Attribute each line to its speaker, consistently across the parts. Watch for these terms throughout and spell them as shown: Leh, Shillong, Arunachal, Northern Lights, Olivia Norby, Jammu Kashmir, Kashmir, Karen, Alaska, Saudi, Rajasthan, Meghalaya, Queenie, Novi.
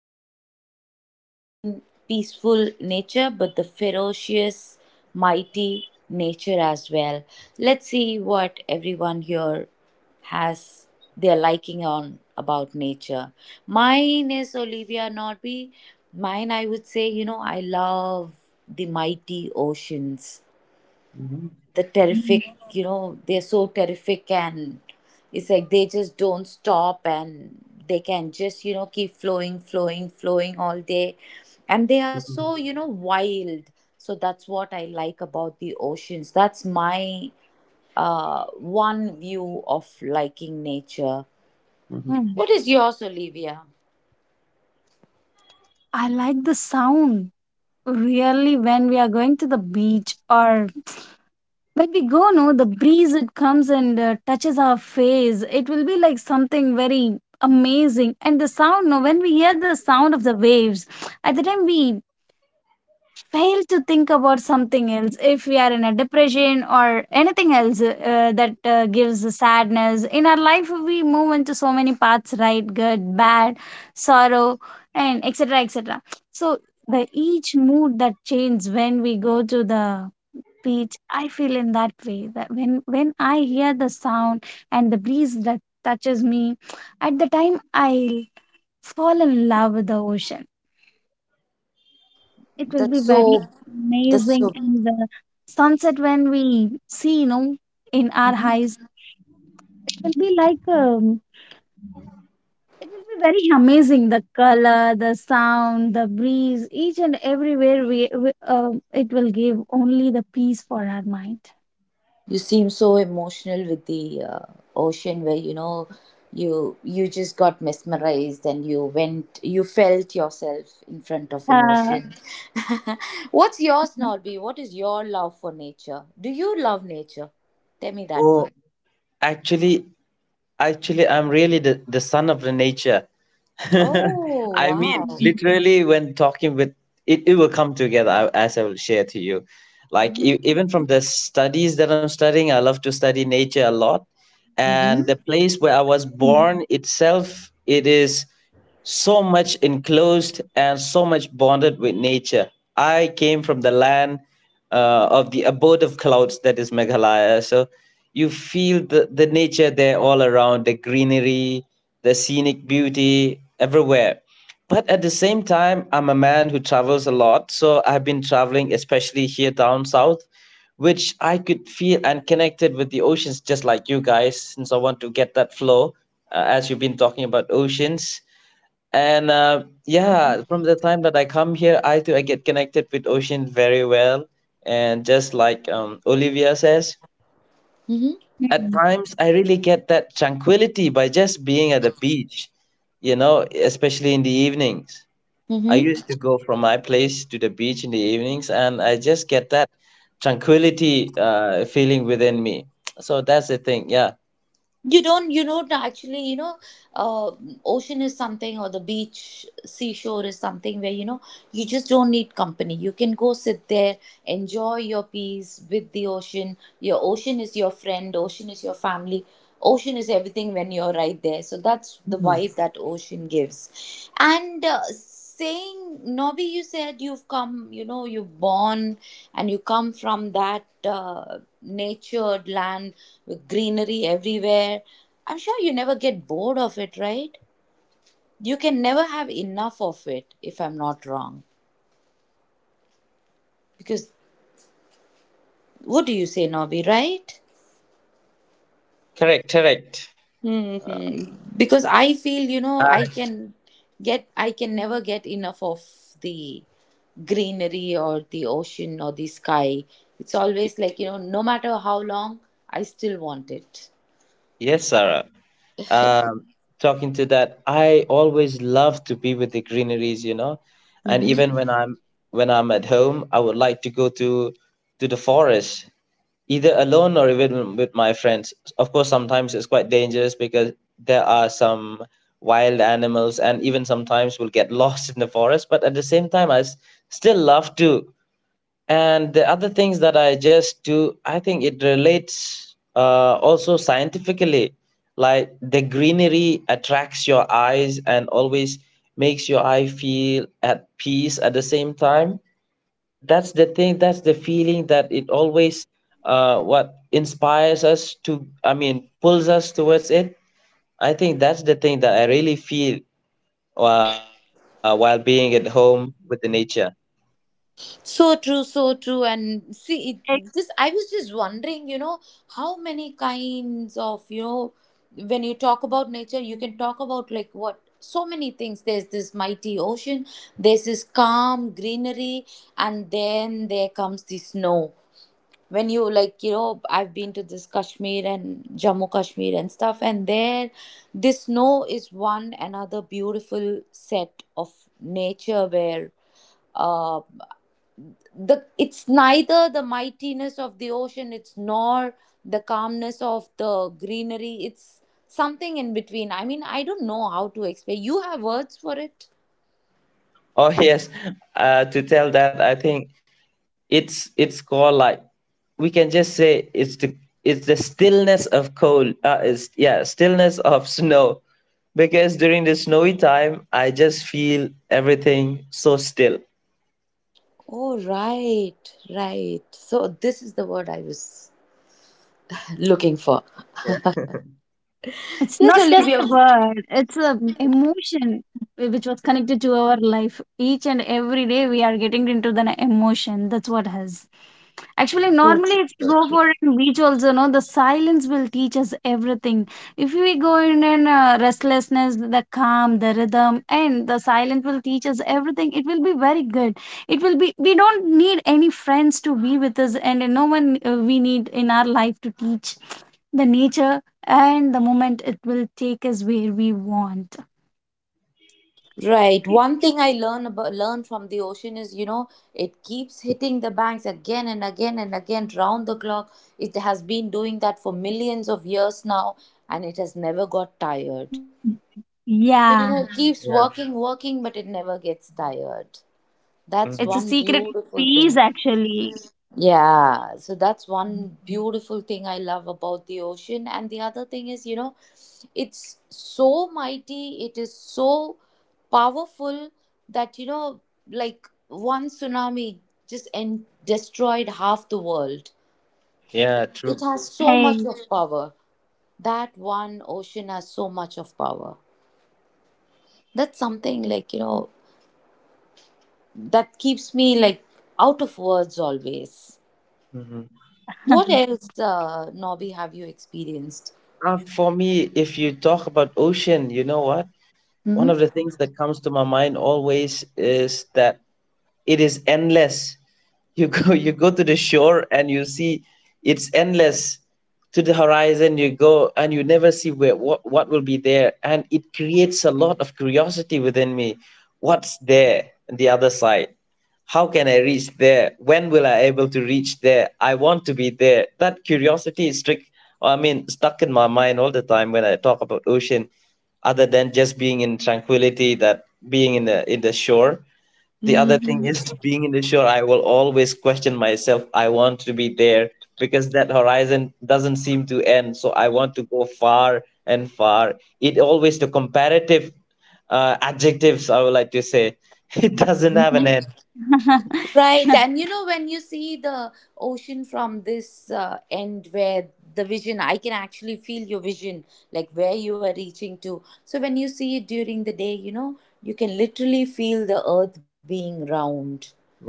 Speaker 1: You know, the green, peaceful nature, but the ferocious, mighty nature as well. Let's see what everyone here has their liking on about nature. Mine is Olivia Norby. Mine, I would say, I love the mighty oceans, the terrific, they're so terrific. And it's like they just don't stop, and they can just, keep flowing all day. And they are so, wild. So that's what I like about the oceans. That's my one view of liking nature.
Speaker 2: Mhm.
Speaker 1: What is yours, Olivia?
Speaker 2: I like the sound. Really, when we are going to the beach or when we go, no, the breeze it comes and touches our face. It will be like something very amazing. And the sound, no, when we hear the sound of the waves, at the time we fail to think about something else if we are in a depression or anything else that gives sadness in our life, we move into so many paths, right, good, bad, sorrow, and etc etc. So the each mood that changes when we go to the beach, I feel in that way that when I hear the sound and the breeze that touches me, at the time I fall in love with the ocean. It will be
Speaker 1: That's
Speaker 2: very
Speaker 1: so, that's
Speaker 2: amazing.
Speaker 1: so,
Speaker 2: And the sunset when we see, you know, in our eyes, it will be like, it will be very amazing. The color, the sound, the breeze, each and everywhere we it will give only the peace for our mind.
Speaker 1: you seem so emotional with the ocean where, you just got mesmerized and you went, you felt yourself in front of an
Speaker 2: Uh,
Speaker 1: ocean. What's yours, Norby? What is your love for nature? Do you love nature? Tell me that first. Oh, wow.
Speaker 2: mhm,
Speaker 1: Mm-hmm. Mm-hmm.
Speaker 2: mhm,
Speaker 1: Mm-hmm.
Speaker 2: mhm.
Speaker 1: Mm-hmm. You don't actually, uh, ocean is something, or the beach, seashore is something where, you just don't need company. You can go sit there, enjoy your peace with the ocean. Your ocean is your friend, ocean is your family, ocean is everything when you're right there. So that's the vibe that ocean gives. And saying Novi, you said you've come, you've born and you come from that natured land with greenery everywhere. I'm sure you never get bored of it, right? You can never have enough of it, if I'm not wrong. Because what do you say, Novi, right? hmm Because I feel, I can get, I can never get enough of the greenery or the ocean or the sky. It's always like, no matter how long, I still want it. So true, so
Speaker 2: It-
Speaker 1: true. And see, this I was just wondering, how many kinds of, when you talk about nature, you can talk about like what so many things. There's this mighty ocean, there's this calm greenery, and then there comes the snow. When you like, I've been to this Kashmir and Jammu Kashmir and stuff, and there this snow is one another beautiful set of nature where. Uh, the it's neither the mightiness of the ocean, it's nor the calmness of the greenery, it's something in between. I mean, I don't know how to explain. You have words for it?
Speaker 3: Oh yes, to tell that I think it's called like we can just say it's the stillness of cold. Stillness of snow because during the snowy time I just feel everything so still.
Speaker 1: Oh, right, right, so this is the word I was looking for.
Speaker 2: It's
Speaker 1: Yes,
Speaker 2: not just
Speaker 1: Olivia.
Speaker 2: a word, it's a emotion which was connected to our life. Each and every day we are getting into the emotion. That's what has. Actually, normally, if you go for a beach, also, no, the silence will teach us everything. If we go in restlessness, the calm, the rhythm, and the silence will teach us everything. It will be very good. It will be. We don't need any friends to be with us, and no one we need in our life to teach the nature, and the moment it will take us where we want.
Speaker 1: Right. One thing I learn about, learn from the ocean is, it keeps hitting the banks again and again and again round the clock. It has been doing that for millions of years now, and it has never got tired. So,
Speaker 2: Yeah,
Speaker 1: it keeps
Speaker 3: Yeah.
Speaker 1: working, working, but it never gets tired. That's
Speaker 2: it's
Speaker 3: Hmm.
Speaker 2: a
Speaker 1: one
Speaker 2: secret of
Speaker 1: beautiful
Speaker 2: peace,
Speaker 1: thing.
Speaker 2: actually.
Speaker 1: Yeah, so that's one beautiful thing I love about the ocean. And the other thing is, it's so mighty, it is so powerful that, like one tsunami destroyed half the world.
Speaker 3: Yeah. True.
Speaker 1: It has so much
Speaker 2: Hey.
Speaker 1: of power. That one ocean has so much of power. That's something like, that keeps me like out of words always.
Speaker 3: Hmm.
Speaker 1: What else, Nobby, have you experienced?
Speaker 3: For me, if you talk about ocean, you know what? One
Speaker 1: Mhm.
Speaker 3: of the things that comes to my mind always is that it is endless. You go you go to the shore and you see it's endless. To the horizon you go and you never see where what will be there, and it creates a lot of curiosity within me. What's there on the other side? How can I reach there? When will I able to reach there? I want to be there. That curiosity is strict, I mean stuck in my mind all the time when I talk about ocean, other than just being in tranquility, that being in the shore. The other thing
Speaker 1: Hmm.
Speaker 3: is, being in the shore I will always question myself. I want to be there because that horizon doesn't seem to end, so I want to go far and far. It always the comparative adjectives, I would like to say it doesn't have an end.
Speaker 1: Right, and when you see the ocean from this end where the vision, I can actually feel your vision, like where you are reaching to. So when you see it during the day, you can literally feel the earth being round.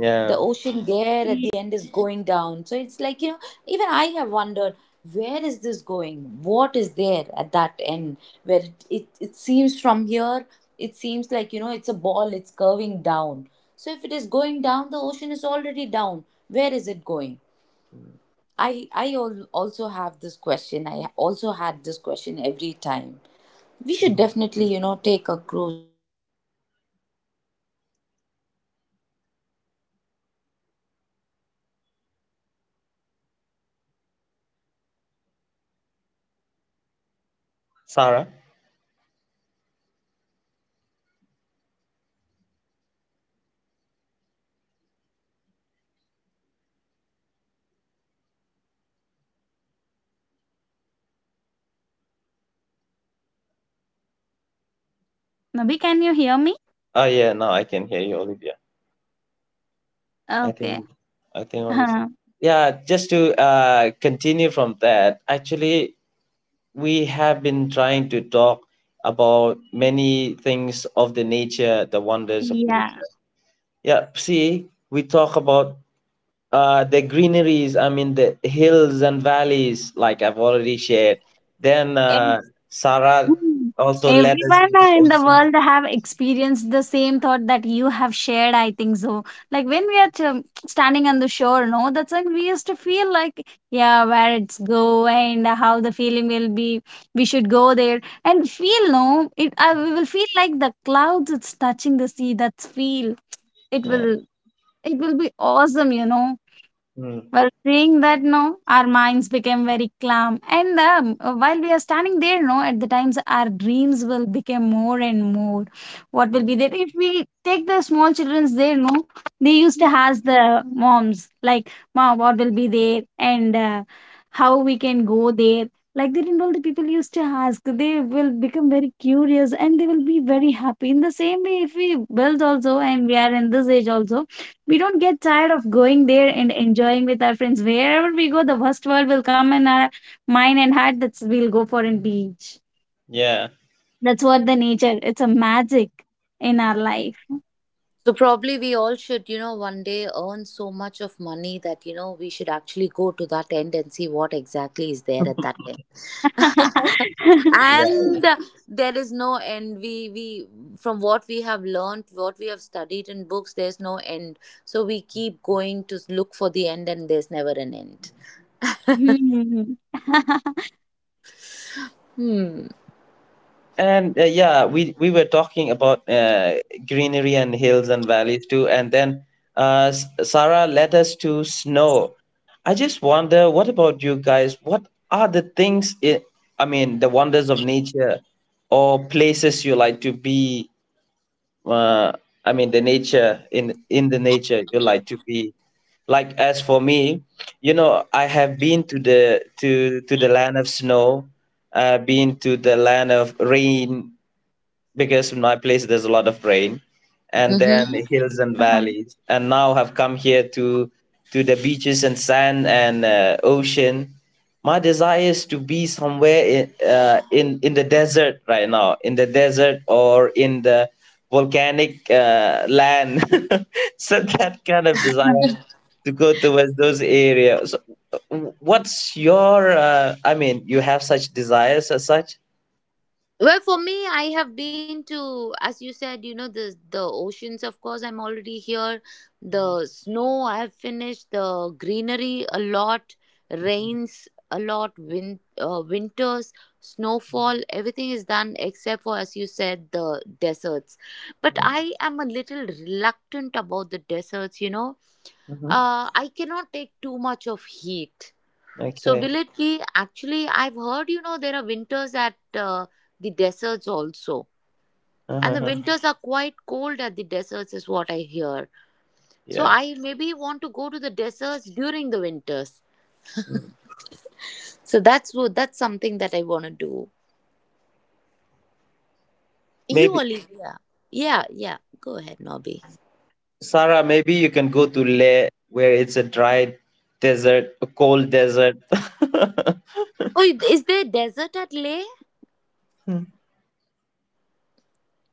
Speaker 1: The ocean there at the
Speaker 2: Ye
Speaker 1: end is going down. So it's like, even I have wondered, where is this going? What is there at that end? Where it seems from here, it seems like, it's a ball. It's curving down. So if it is going down, the ocean is already down. Where is it going? Also have this question. I also had this question every time.
Speaker 3: Mhm. Sarah.
Speaker 2: Nobby, can you hear me?
Speaker 3: Oh yeah, now I can hear you, Olivia.
Speaker 2: Ah,
Speaker 3: i think
Speaker 2: okay.
Speaker 3: i think only
Speaker 2: Huh.
Speaker 3: yeah, just to continue from that. Actually, we have been trying to talk about many things of the nature, the wonders of
Speaker 2: Yeah.
Speaker 3: nature. Yeah, see, we talk about the greeneries, I mean the hills and valleys, like I've already shared. Then
Speaker 2: Ev-
Speaker 3: Sarah
Speaker 2: hmm.
Speaker 3: also led us
Speaker 2: Everyone
Speaker 3: into
Speaker 2: in the
Speaker 3: ocean.
Speaker 2: world have experienced the same thought that you have shared, I think so. Like when we are standing on the shore, no, that's when we used to feel like, yeah, where it's go and how the feeling will be. We should go there and feel, no, it. We will feel like the clouds it's touching the sea. That's feel. It
Speaker 3: Yeah.
Speaker 2: will. It will be awesome, you know.
Speaker 3: Hmm.
Speaker 2: Well, seeing that, no, our minds became very calm. And while we are standing there, no, at the times our dreams will become more and more. What will be there? If we take the small children's there, no, they used to ask the moms, like, Mom, what will be there? And how we can go there? Like that, and all the people used to ask, they will become very curious and they will be very happy. In the same way, if we build also and we are in this age also, we don't get tired of going there and enjoying with our friends. Wherever we go, the worst world will come in our mind and heart. That's we'll go for a beach.
Speaker 3: Yeah.
Speaker 2: That's what the nature. It's a magic in our life.
Speaker 4: So probably we all should, you know, one day earn so much of money that, you know, we should actually go to that end and see what exactly is there at that end.
Speaker 3: Yeah.
Speaker 4: and There is no end. We from what we have learned, what we have studied in books, there's no end. So we keep going to look for the end and there's never an end.
Speaker 2: Hmm.
Speaker 4: Hmm.
Speaker 3: And yeah, we were talking about greenery and hills and valleys too, and then Sarah led us to snow. I just wonder, what about you guys? What are the things I mean, the wonders of nature or places you like to be? Uh, I mean, the nature in the nature you like to be. Like as for me, you know, I have been to the land of snow, been to the land of rain, because in my place there's a lot of rain, and then hills and valleys, and now have come here to the beaches and sand and ocean. My desire is to be somewhere in the desert right now, in the desert or in the volcanic land so that kind of desire to go towards those areas. Uh, what's your I mean, you have such desires as such?
Speaker 4: Well, for me, I have been to, as you said, you know, the oceans. Of course, I'm already here. The snow, I have finished. The greenery, a lot. Rains, a lot. Winters, snowfall, everything is done except for, as you said, the deserts. But I am a little reluctant about the deserts.
Speaker 3: Mhm.
Speaker 4: I cannot take too much of heat. So
Speaker 3: Okay.
Speaker 4: will it be actually? I've heard, you know, there are winters at the deserts also, and the winters are quite cold at the deserts, is what I hear. So
Speaker 3: Yeah.
Speaker 4: I maybe want to go to the deserts during the winters.
Speaker 3: Mm.
Speaker 4: So that's what that's something that I want to do. You,
Speaker 3: Maybe
Speaker 4: Olivia, yeah, yeah, yeah. Go ahead, Nobby.
Speaker 3: Sarah, maybe you can go to Leh, where it's a dry desert, a cold desert.
Speaker 4: Oh, is there desert at Leh?
Speaker 3: Hmm.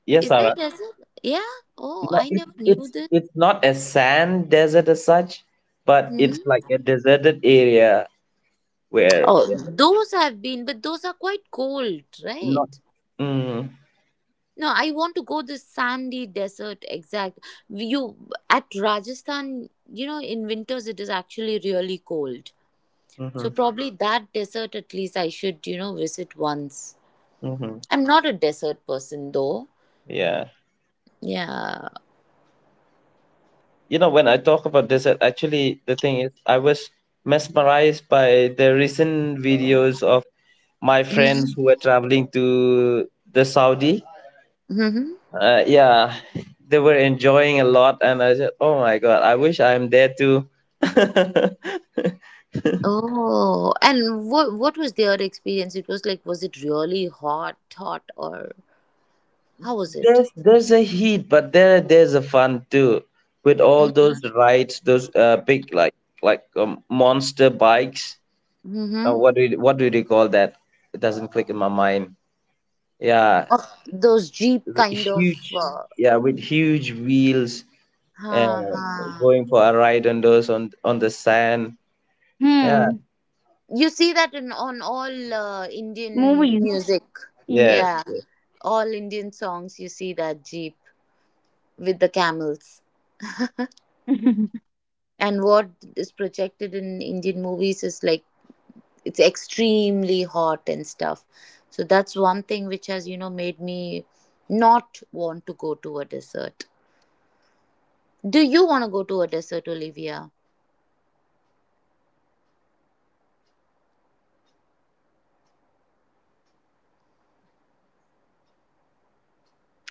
Speaker 3: Yes,
Speaker 4: Is there
Speaker 3: Sarah.
Speaker 4: desert? Yeah. Oh,
Speaker 3: No,
Speaker 4: I
Speaker 3: it's
Speaker 4: never knew
Speaker 3: it's
Speaker 4: this.
Speaker 3: it's not a sand desert as such, but it's
Speaker 4: Hmm.
Speaker 3: like a deserted area where
Speaker 4: Oh,
Speaker 3: yeah,
Speaker 4: those I've been, but those are quite cold,
Speaker 3: not.
Speaker 4: right?
Speaker 3: Mm,
Speaker 4: No, I want to go this sandy desert exact. You at Rajasthan, you know, in winters it is actually really cold. So
Speaker 3: hmm.
Speaker 4: probably that desert at least I should, you know, visit once.
Speaker 3: Hmm.
Speaker 4: I'm not a desert person though.
Speaker 3: Yeah.
Speaker 4: Yeah.
Speaker 3: You know, when I talk about desert, actually, the thing is, I was mesmerized by the recent videos of my friends who were traveling to the Saudi.
Speaker 4: Mm-hmm.
Speaker 3: Yeah, they were enjoying a lot, and I said, "Oh my God, I wish I'm there too." there's
Speaker 4: Oh, and what was their experience? It was like, was it really hot, hot, or how was it?
Speaker 3: there's a heat, but there there's a fun too, with all those rides, those big like monster bikes.
Speaker 4: Mm-hmm.
Speaker 3: What do they call that? It doesn't click in my mind. Yeah,
Speaker 4: Or those jeep kind of.
Speaker 3: huge. Yeah, with huge wheels
Speaker 4: Ha
Speaker 3: and
Speaker 4: ha.
Speaker 3: going for a ride on those on the sand. Yeah,
Speaker 2: Hmm.
Speaker 4: You see that in on all Indian
Speaker 2: Movies.
Speaker 4: music.
Speaker 2: Ye
Speaker 3: yes,
Speaker 4: Yeah,
Speaker 3: yes,
Speaker 4: all Indian songs you see that jeep with the camels. And what is projected in Indian movies is like it's extremely hot and stuff. So that's one thing which has, you know, made me not want to go to a desert. Do you want to go to a desert, Olivia?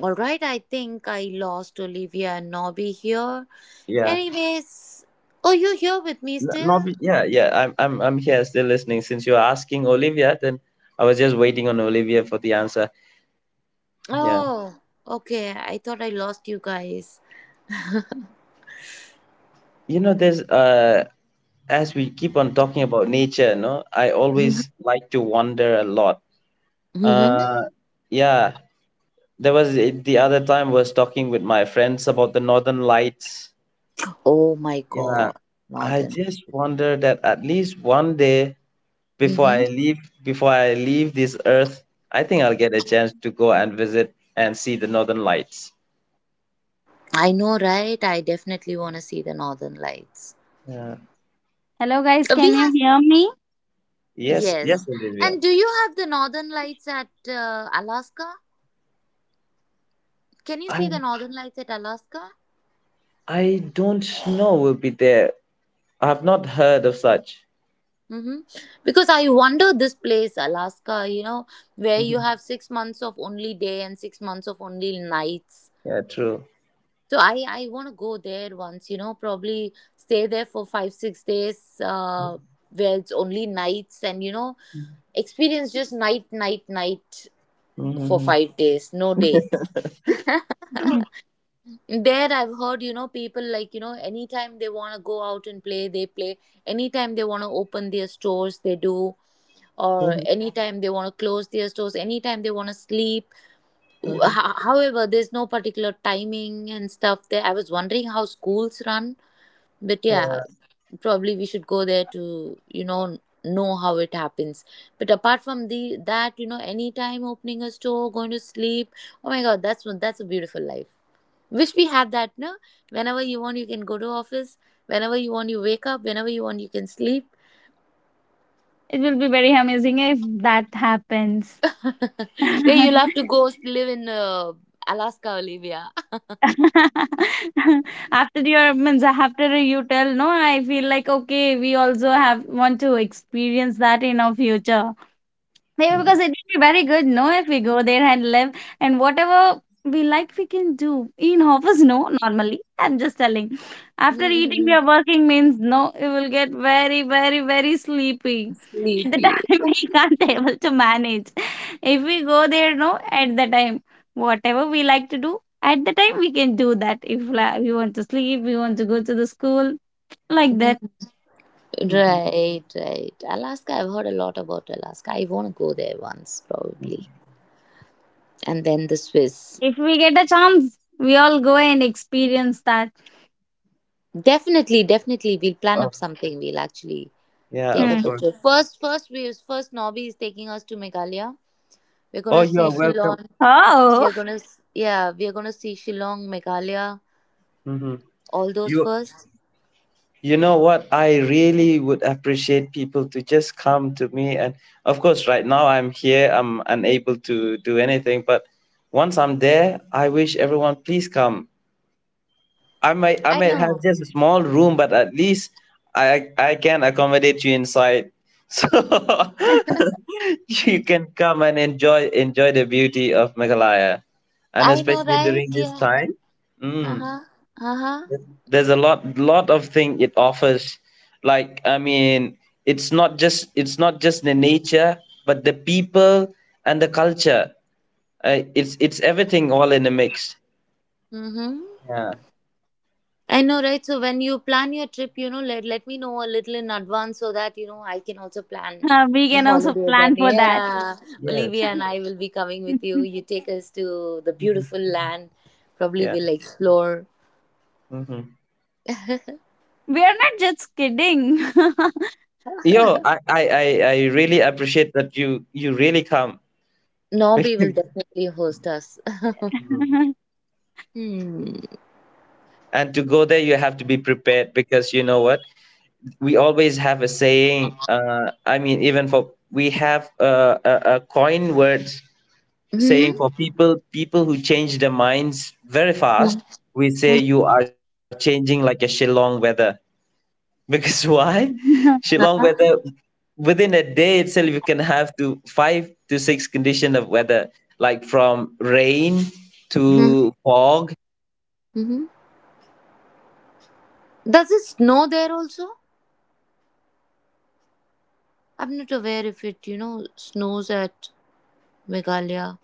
Speaker 4: All right, I think I lost Olivia and Nobby here.
Speaker 3: yeah.
Speaker 4: Anyways, oh, you here with me
Speaker 3: N- Not,
Speaker 4: still?
Speaker 3: be- yeah, yeah. I'm here still listening. Since you're asking Olivia, then I was just waiting on Olivia for the answer. Yeah,
Speaker 4: Oh, okay. I thought I lost you guys.
Speaker 3: you know, there's as we keep on talking about nature, no, I always like to wander a lot.
Speaker 4: Mm-hmm.
Speaker 3: Uh, yeah, there was the other time was talking with my friends about the Northern Lights.
Speaker 4: Oh my
Speaker 3: Yeah,
Speaker 4: god,
Speaker 3: I
Speaker 4: Northern.
Speaker 3: just wonder that at least one day
Speaker 4: Mm-hmm.
Speaker 3: before I leave this earth, I think I'll get a chance to go and visit and see the Northern Lights.
Speaker 4: I know, right? I definitely want to see the Northern Lights.
Speaker 3: Yeah.
Speaker 2: Hello guys,
Speaker 4: We
Speaker 2: can you
Speaker 4: have
Speaker 2: hear me?
Speaker 3: Yes, yes,
Speaker 4: yes.
Speaker 3: Olivia.
Speaker 4: And do you have the Northern Lights at Alaska? Can you
Speaker 3: I
Speaker 4: see the Northern Lights at Alaska?
Speaker 3: I don't know will be there. I have not heard of such.
Speaker 4: Mm-hmm. Because I wonder this place, Alaska. You know, where you
Speaker 3: Mhm.
Speaker 4: have 6 months of only day and 6 months of only nights.
Speaker 3: Yeah, true.
Speaker 4: So I want to go there once, you know, probably stay there for 5 6 days, where it's only nights and you know experience just night night night for
Speaker 3: Hmm.
Speaker 4: 5 days, no day. There I've heard, you know, people like you know anytime they want to go out and play, they play. Anytime they want to open their stores, they do. Or anytime they want to close their stores, anytime they want to sleep.
Speaker 3: Hmm.
Speaker 4: However, there's no particular timing and stuff there. I was wondering how schools run, but
Speaker 3: Yeah.
Speaker 4: yeah, probably we should go there to, you know how it happens. But apart from the that, you know, anytime opening a store, going to sleep, oh my god, that's one that's a beautiful life. Wish we had that, no? Whenever you want you can go to office, whenever you want you wake up, whenever you want you can sleep.
Speaker 2: It will be very amazing if that happens.
Speaker 4: Then you'll have to go live in Alaska, Olivia.
Speaker 2: After your means after you tell no, I feel like okay, we also have want to experience that in our future. Maybe because
Speaker 3: Mm.
Speaker 2: it would be very good, no, if we go there and live and whatever we like, we can do. In office, no, normally. I'm just telling. After eating, we are working means no, you will get very, very, very sleepy. At the time,
Speaker 4: Sleepy.
Speaker 2: we can't able to manage. If we go there, no, at the time, whatever we like to do, at the time, we can do that. If like, we want to sleep, we want to go to the school, like that.
Speaker 4: Right, right, Alaska. I've heard a lot about Alaska. I want to go there once, probably, and then the Swiss.
Speaker 2: If we get a chance, we all go and experience that.
Speaker 4: Definitely, definitely, we'll plan up
Speaker 3: Of-
Speaker 4: something. We'll actually
Speaker 3: yeah,
Speaker 4: take
Speaker 3: of
Speaker 4: up a
Speaker 2: Hmm.
Speaker 3: course.
Speaker 4: trip. First, first, we first Nobby is taking us to Meghalaya. We're
Speaker 3: Oh,
Speaker 4: gonna
Speaker 3: you
Speaker 4: see
Speaker 3: are welcome.
Speaker 4: Shillong.
Speaker 2: Oh,
Speaker 4: Yeah, we're gonna see Shillong, Meghalaya,
Speaker 3: Hmm.
Speaker 4: all those
Speaker 3: You
Speaker 4: first.
Speaker 3: You know what? I really would appreciate people to just come to me. And of course, right now I'm here, I'm unable to do anything. But once I'm there, I wish everyone, please come. I
Speaker 4: I
Speaker 3: might have
Speaker 4: know,
Speaker 3: just a small room, but at least I can accommodate you inside. So you can come and enjoy, enjoy the beauty of Meghalaya, and
Speaker 4: I know,
Speaker 3: especially
Speaker 4: right?
Speaker 3: during this
Speaker 4: Yeah.
Speaker 3: time.
Speaker 4: Uh
Speaker 3: Mm.
Speaker 4: huh. Uh huh.
Speaker 3: There's a lot lot of thing it offers, like I mean, it's not just the nature, but the people and the culture. It's everything all in a mix.
Speaker 4: Mm hmm.
Speaker 3: Yeah.
Speaker 4: I know, right? So when you plan your trip, you know, let me know a little in advance so that you know I can also plan
Speaker 2: we
Speaker 4: a
Speaker 2: can also
Speaker 4: holiday. Then,
Speaker 2: plan for that.
Speaker 4: yeah,
Speaker 3: Yes.
Speaker 4: Olivia and I will be coming with you. You take us to the
Speaker 3: Mhm.
Speaker 4: beautiful land. Probably
Speaker 3: Yeah.
Speaker 4: we'll explore.
Speaker 3: Hmm.
Speaker 2: We are not just kidding.
Speaker 3: Yo, I really appreciate that you really come.
Speaker 4: Norby
Speaker 3: Bec-
Speaker 4: will definitely host us.
Speaker 3: Mhm.
Speaker 4: Hmm.
Speaker 3: And to go there you have to be prepared, because you know what, we always have a saying I mean, even for we have a coin words
Speaker 4: Hmm.
Speaker 3: saying for people who change their minds very
Speaker 4: Hmm.
Speaker 3: fast. We say you are changing like a Shillong weather. Because why? Shillong weather within a day itself you can have to 5 to 6 condition of weather, like from rain
Speaker 4: Hmm.
Speaker 3: to fog.
Speaker 4: Hmm. Does it snow there also? I'm not aware if it, you know, snows at Meghalaya,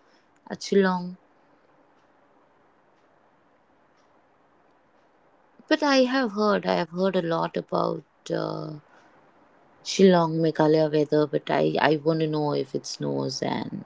Speaker 4: at Shillong. But I have heard a lot about uh, Shillong, Meghalaya weather, but I want to know if it snows and.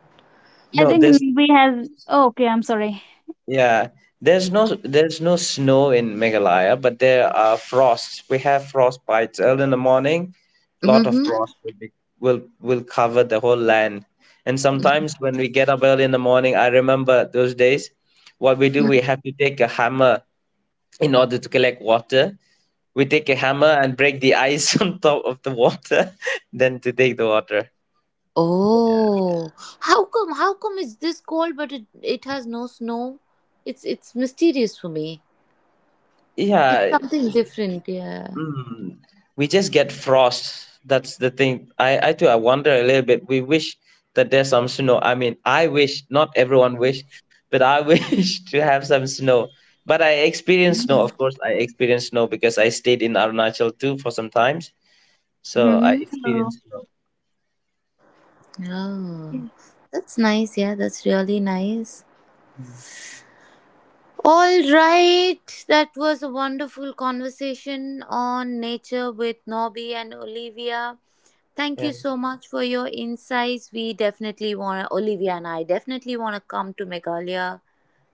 Speaker 2: I
Speaker 3: No
Speaker 2: think
Speaker 3: there's
Speaker 2: we have. Oh, okay, I'm sorry.
Speaker 3: Yeah, there's no snow in Meghalaya, but there are frosts. We have frost bites early in the morning. Lot of
Speaker 4: Mm-hmm.
Speaker 3: frost will be, will cover the whole land. And sometimes when we get up early in the morning, I remember those days. What we do, we have to take a hammer in order to collect water. We take a hammer and break the ice on top of the water, then to take the water.
Speaker 4: Oh, how come? How come it's this cold, but it has no snow? It's mysterious for me. It's
Speaker 3: Yeah,
Speaker 4: something different, yeah.
Speaker 3: mm. We just get frost. That's the thing. I too I wonder a little bit. We wish that there's some snow. I mean, I wish not everyone wish, but I wish to have some snow. But I experienced snow, of course. I experienced snow because I stayed in Arunachal too for some times. So I
Speaker 1: Mm-hmm.
Speaker 2: Hello.
Speaker 3: experienced snow.
Speaker 1: Oh, that's nice. Yeah, that's really nice.
Speaker 3: Mm.
Speaker 1: All right, that was a wonderful conversation on nature with Nobby and Olivia. Thank
Speaker 3: Yeah.
Speaker 1: you so much for your insights. We definitely want to, Olivia and I definitely want to come to Meghalaya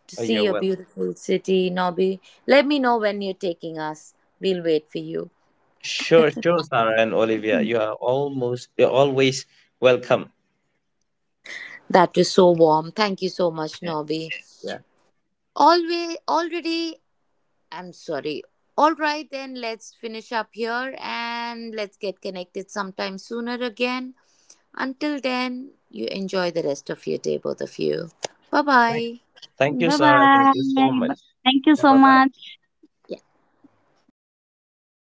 Speaker 1: to
Speaker 3: Oh,
Speaker 1: see
Speaker 3: you're
Speaker 1: your
Speaker 3: welcome.
Speaker 1: beautiful city, Nobby. Let me know when you're taking us. We'll wait for you.
Speaker 3: Sure, sure, Sarah and Olivia. You are almost you're always welcome.
Speaker 1: That was so warm. Thank you so much,
Speaker 3: Yeah,
Speaker 1: Nobby.
Speaker 3: yeah.
Speaker 1: Always, already I'm sorry. All right, then let's finish up here and let's get connected sometime sooner again. Until then, you enjoy the rest of your day, both of you. Bye
Speaker 3: Thank,
Speaker 1: bye.
Speaker 3: thank you,
Speaker 2: Bye
Speaker 3: Sarah. Thank
Speaker 2: bye.
Speaker 3: you so much.
Speaker 2: Thank you so
Speaker 3: Bye bye.
Speaker 2: much.
Speaker 1: Yeah.